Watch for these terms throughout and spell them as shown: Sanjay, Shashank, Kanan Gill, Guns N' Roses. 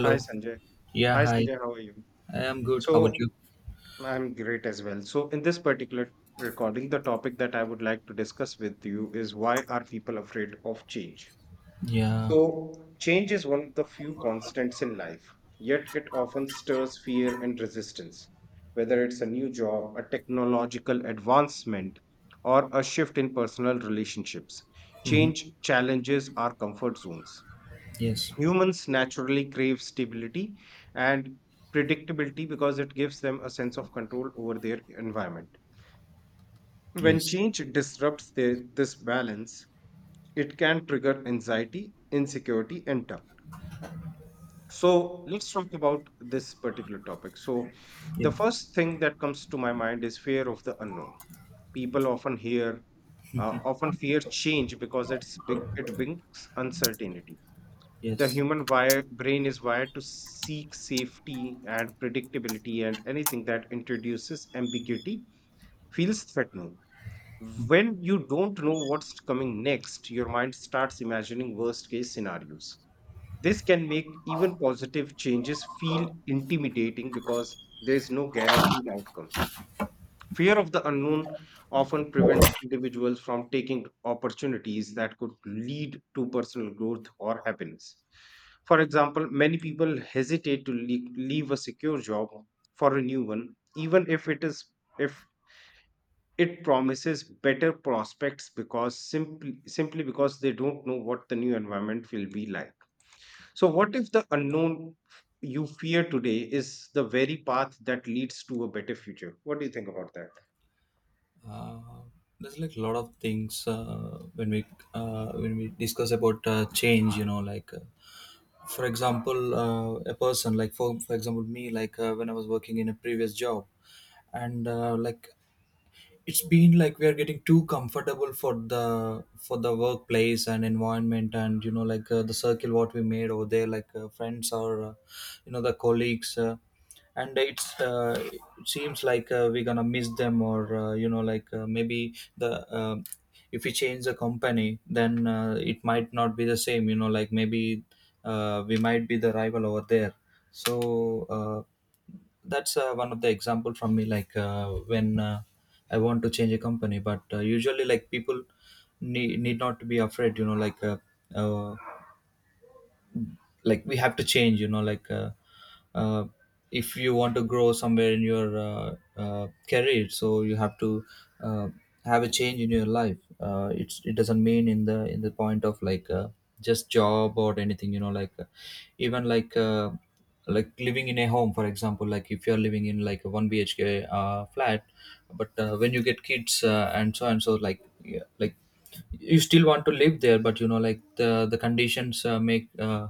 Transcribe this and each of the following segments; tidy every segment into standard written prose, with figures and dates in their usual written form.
Hi, Sanjay. Yeah, Hi, hi. Sanjay. How are you? I am good. How about So, you? I'm great as well. So, in this particular recording, the topic that I would like to discuss with you is why are people afraid of change? Yeah. So, change is one of the few constants in life, yet it often stirs fear and resistance. Whether it's a new job, a technological advancement, or a shift in personal relationships, Mm-hmm. change challenges our comfort zones. Yes. Humans naturally crave stability and predictability because it gives them a sense of control over their environment. When Yes. change disrupts this balance, it can trigger anxiety, insecurity, and doubt. So, let's talk about this particular topic. So, Yeah. the first thing that comes to my mind is fear of the unknown. People often fear change because it's big, it brings uncertainty. the Yes. human wire, brain is wired to seek safety and predictability, and anything that introduces ambiguity feels threatening. When you don't know what's coming next, your mind starts imagining worst case scenarios. This can make even positive changes feel intimidating because there is no guaranteed outcome. Fear of the unknown often prevents individuals from taking opportunities that could lead to personal growth or happiness. For example, many people hesitate to leave a secure job for a new one, even if it is if it promises better prospects because simply because they don't know what the new environment will be like. So what if the unknown you fear today is the very path that leads to a better future? What do you think about that? Uh, there's like a lot of things when we discuss about change. You know, like for example, a person like for example me, like when I was working in a previous job, and like it's been like we are getting too comfortable for the workplace and environment, and you know like the circle what we made over there, like friends or you know the colleagues, and it's it seems like we're gonna miss them, or you know like maybe the if we change the company, then it might not be the same, you know, like maybe we might be the rival over there. So that's one of the example from me, like when I want to change a company, but usually like people need not to be afraid, you know uh, like we have to change, you know like uh, if you want to grow somewhere in your uh, career, so you have to uh, have a change in your life. It's it doesn't mean in the point of like just job or anything, you know like even like living in a home, for example, like if you're living in like a 1 BHK flat, but when you get kids and so and so, like yeah, like you still want to live there, but you know like the conditions uh, make uh,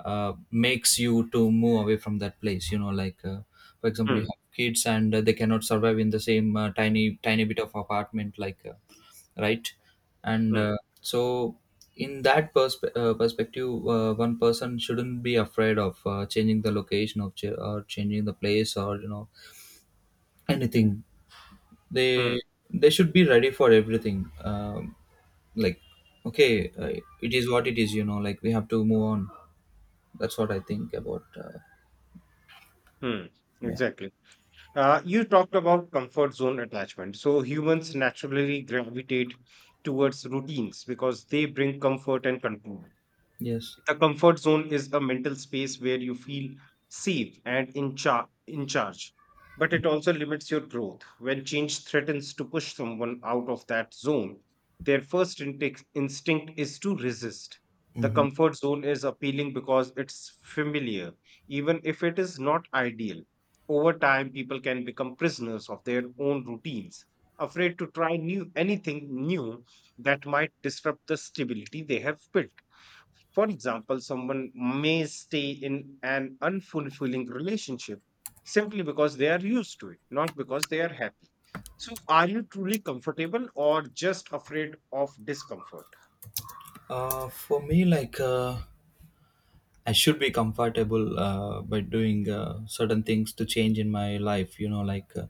uh, makes you to move away from that place, you know like for example you Hmm, have kids and they cannot survive in the same tiny tiny bit of apartment, like right. And hmm. So in that perspective, one person shouldn't be afraid of changing the location of or changing the place, or you know, anything. Hmm, They they should be ready for everything. Like okay, it is what it is, you know like we have to move on. That's what I think about hmm, yeah. exactly. You talked about comfort zone attachment. So humans naturally gravitate towards routines because they bring comfort and control. Yes. The comfort zone is a mental space where you feel safe and in charge, but it also limits your growth. When change threatens to push someone out of that zone, their first instinct is to resist. The Mhm. comfort zone is appealing because it's familiar, even if it is not ideal. Over time, people can become prisoners of their own routines, afraid to try new anything new that might disrupt the stability they have built. For example, someone may stay in an unfulfilling relationship simply because they are used to it, not because they are happy. So, are you truly comfortable or just afraid of discomfort? For me, like I should be comfortable by doing certain things to change in my life. You know, like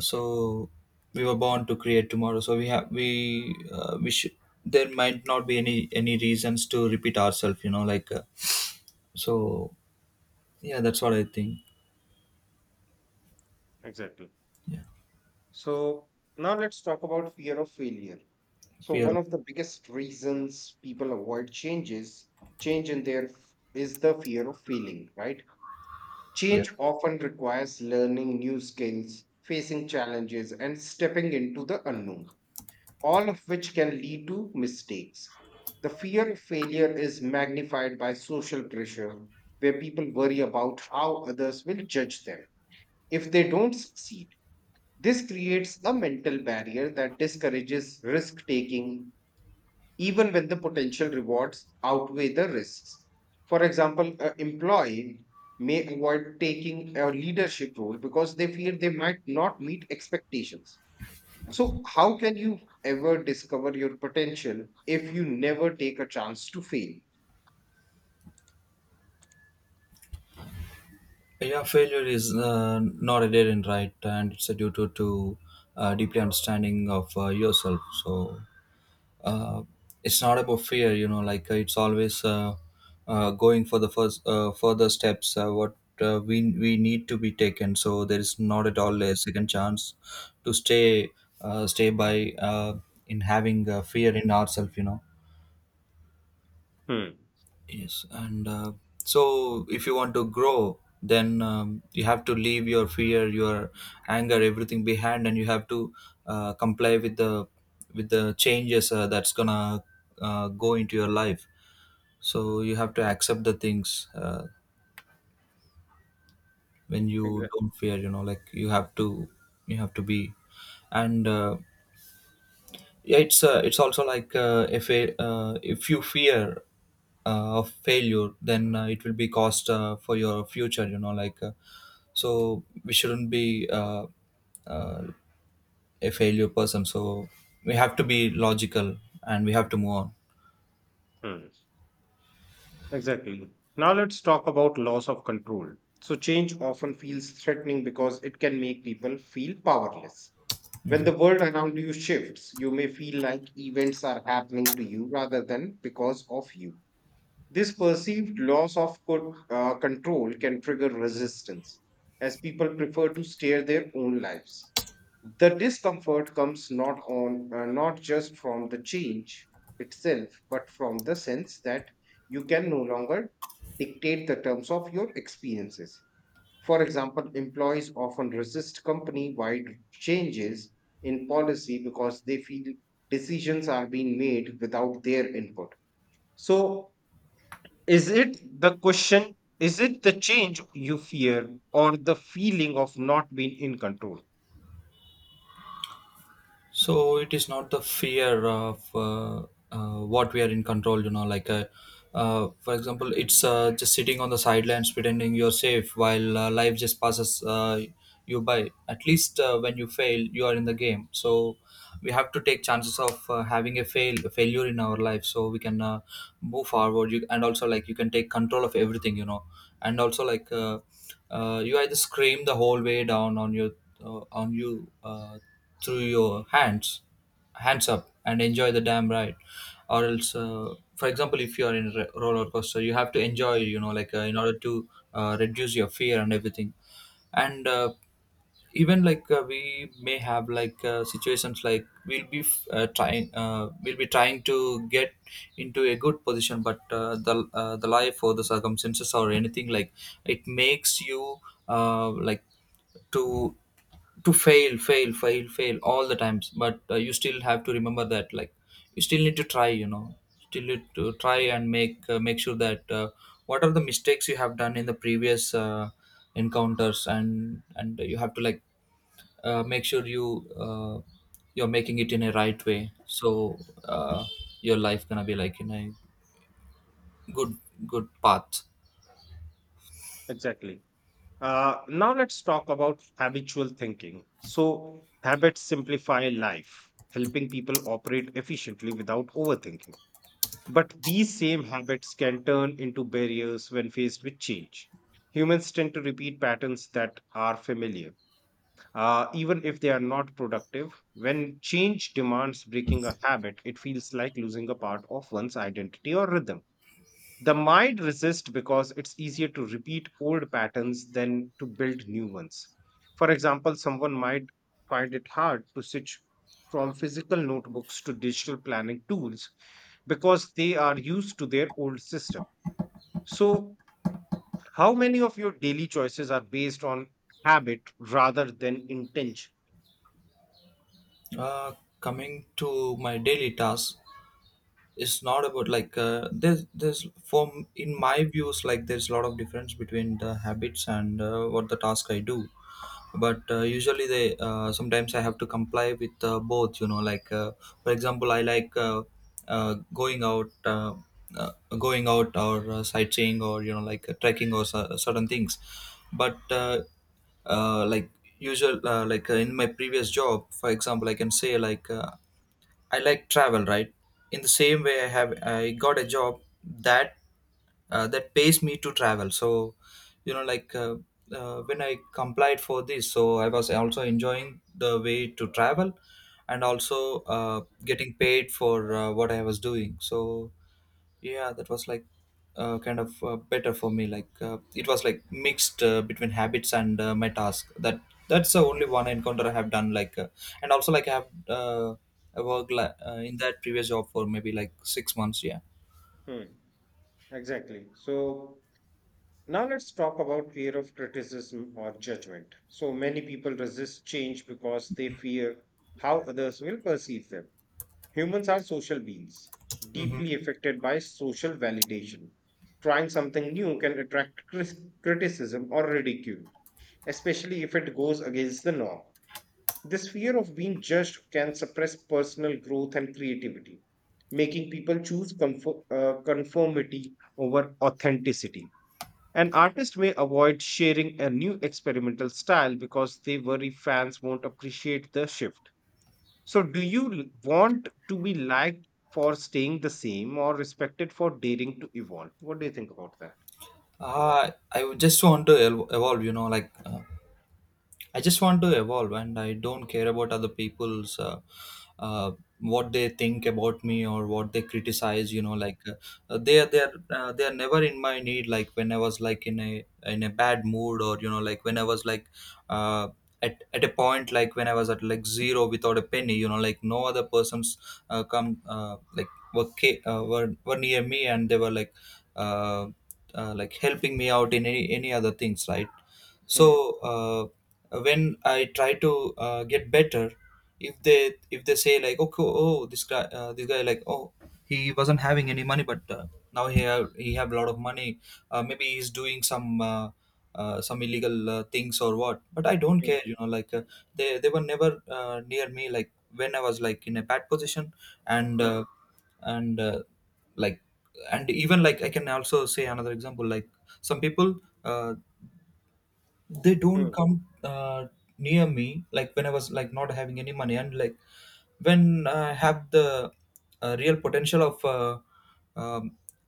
so we were born to create tomorrow. So we have we should. There might not be any reasons to repeat ourselves. You know, like so. Yeah, that's what I think. Exactly. Yeah, So, now let's talk about fear of failure. So, one fear. of the biggest reasons people avoid change in their is the fear of failing, right? Yeah, Change often requires learning new skills, facing challenges, and stepping into the unknown, all of which can lead to mistakes. The fear of failure is magnified by social pressure, where people worry about how others will judge them if they don't succeed. This creates a mental barrier that discourages risk taking, even when the potential rewards outweigh the risks. For example, an employee may avoid taking a leadership role because they fear they might not meet expectations. So, how can you ever discover your potential if you never take a chance to fail? yeah, failure is not a dead end, right? And it's a due to deeply understanding of yourself. So uh, it's not about fear, you know like it's always going for the first further steps, what we need to be taken. So there is not at all a second chance to stay, stay by in having fear in ourselves, you know. Hmm. Yes, and so if you want to grow, then you have to leave your fear, your anger, everything behind, and you have to comply with the changes that's gonna go into your life. So you have to accept the things when you Exactly. don't fear. You know, like you have to be, and yeah it's also like if you fear of failure, then it will be cost for your future, you know like so we shouldn't be uh, a failure person. So we have to be logical, and we have to move on. Hmm. Exactly. Now let's talk about loss of control. So, change often feels threatening because it can make people feel powerless. When the world around you shifts, you may feel like events are happening to you rather than because of you. This perceived loss of control can trigger resistance, as people prefer to steer their own lives. The discomfort comes not just from the change itself, but from the sense that you can no longer dictate the terms of your experiences. For example, employees often resist company-wide changes in policy because they feel decisions are being made without their input. So, is it the question? Is it the change you fear or the feeling of not being in control? So it is not the fear of what we are in control, you know like for example it's just sitting on the sidelines pretending you're safe, while life just passes you by. At least when you fail you are in the game. So we have to take chances of having a failure in our life, so we can move forward, you, and also like you can take control of everything, you know. And also like you either scream the whole way down on your on you through your hands up and enjoy the damn ride. Or else for example if you are in a roller coaster, you have to enjoy, you know like in order to reduce your fear and everything. And even like we may have like situations like we'll be trying to get into a good position, but the life or the circumstances or anything, like it makes you like to to fail fail fail fail all the times. But you still have to remember that, like you still need to try, you know, still need to try, and make make sure that what are the mistakes you have done in the previous encounters. And you have to like make sure you uh, you're making it in a right way. So uh, your life gonna be like in a good good path. Exactly. Now let's talk about habitual thinking. So, habits simplify life, helping people operate efficiently without overthinking. But these same habits can turn into barriers when faced with change. Humans tend to repeat patterns that are familiar, even if they are not productive. When change demands breaking a habit, it feels like losing a part of one's identity or rhythm. The mind resists because it's easier to repeat old patterns than to build new ones. For example, someone might find it hard to switch from physical notebooks to digital planning tools because they are used to their old system. So, how many of your daily choices are based on habit rather than intention? uh, Coming to my daily task, it's not about like there's from in my views like there's a lot of difference between the habits and what the task I do. But usually they sometimes I have to comply with both, you know like for example I like uh, going out uh, uh, going out or sightseeing, or you know like trekking or certain things. But like usual like in my previous job, for example, I can say like I like travel, right? In the same way, I got a job that that pays me to travel. So, you know, like when I complied for this, so I was also enjoying the way to travel, and also getting paid for what I was doing. So yeah, that was like kind of better for me, like it was like mixed between habits and my task, that's the only one encounter I have done, like and also like I worked like, in that previous job for maybe like 6 months. Yeah. Hmm, exactly. So, now let's talk about fear of criticism or judgment. So many people resist change because they fear how others will perceive them. Humans are social beings, Mm-hmm. deeply affected by social validation. Trying something new can attract criticism or ridicule, especially if it goes against the norm. This fear of being judged can suppress personal growth and creativity, making people choose conformity over authenticity. An artist may avoid sharing a new experimental style because they worry fans won't appreciate the shift. So, do you want to be liked for staying the same or respected for daring to evolve? What do you think about that? I would just want to evolve, you know like I just want to evolve, and I don't care about other people's uh, what they think about me or what they criticize. You know, like they are never in my need. Like when I was like in a bad mood, or you know, like when I was like uh, at a point, like when I was at like zero without a penny. You know, like no other persons come like were, ca- were near me, and they were uh, like helping me out in any other things, right? So Hmm, uh, when I try to get better, if they say like, okay, oh this guy like, oh he wasn't having any money, but now he have a lot of money. Maybe he's doing some illegal things or what, but I don't hmm, care, you know like they were never near me like when I was like in a bad position. And hmm, and uh, like and even like I can also say another example, like some people uh, they don't hmm, come near me like when I was like not having any money. And like when I have the real potential of um,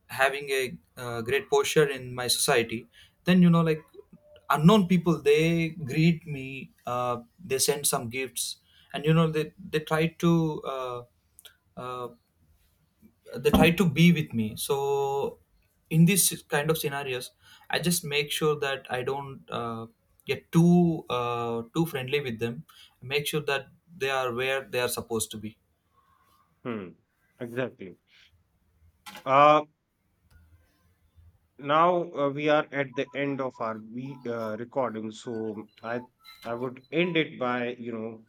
having a great posture in my society, then you know like unknown people they greet me, they send some gifts, and you know uh, they try to be with me. So in these kind of scenarios, I just make sure that I don't get too friendly with them. Make sure that they are where they are supposed to be. hmm. Exactly. Uh, now we are at the end of our recording, so I would end it by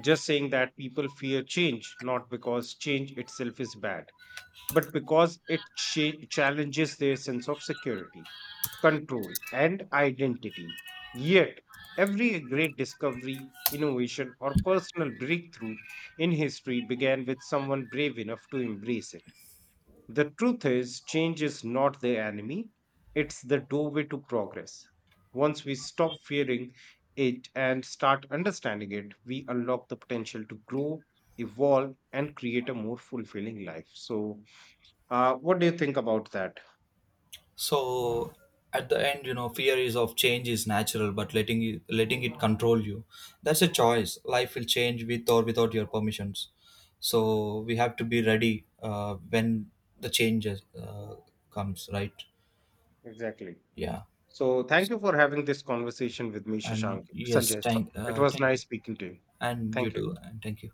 just saying that people fear change not because change itself is bad but because it challenges their sense of security, control, and identity. Yet, every great discovery, innovation, or personal breakthrough in history began with someone brave enough to embrace it. The truth is, change is not the enemy, it's the doorway to progress. Once we stop fearing it and start understanding it, we unlock the potential to grow, evolve, and create a more fulfilling life. So, what do you think about that? So at the end, you know, fear is of change is natural, but letting it control you, that's a choice. Life will change with or without your permissions. So we have to be ready when the change comes, right. Exactly. Yeah. So, thank you for having this conversation with me, Shashank. And yes, Sanjay, it was thank you. nice speaking to you. And you Thank you. too. And thank you.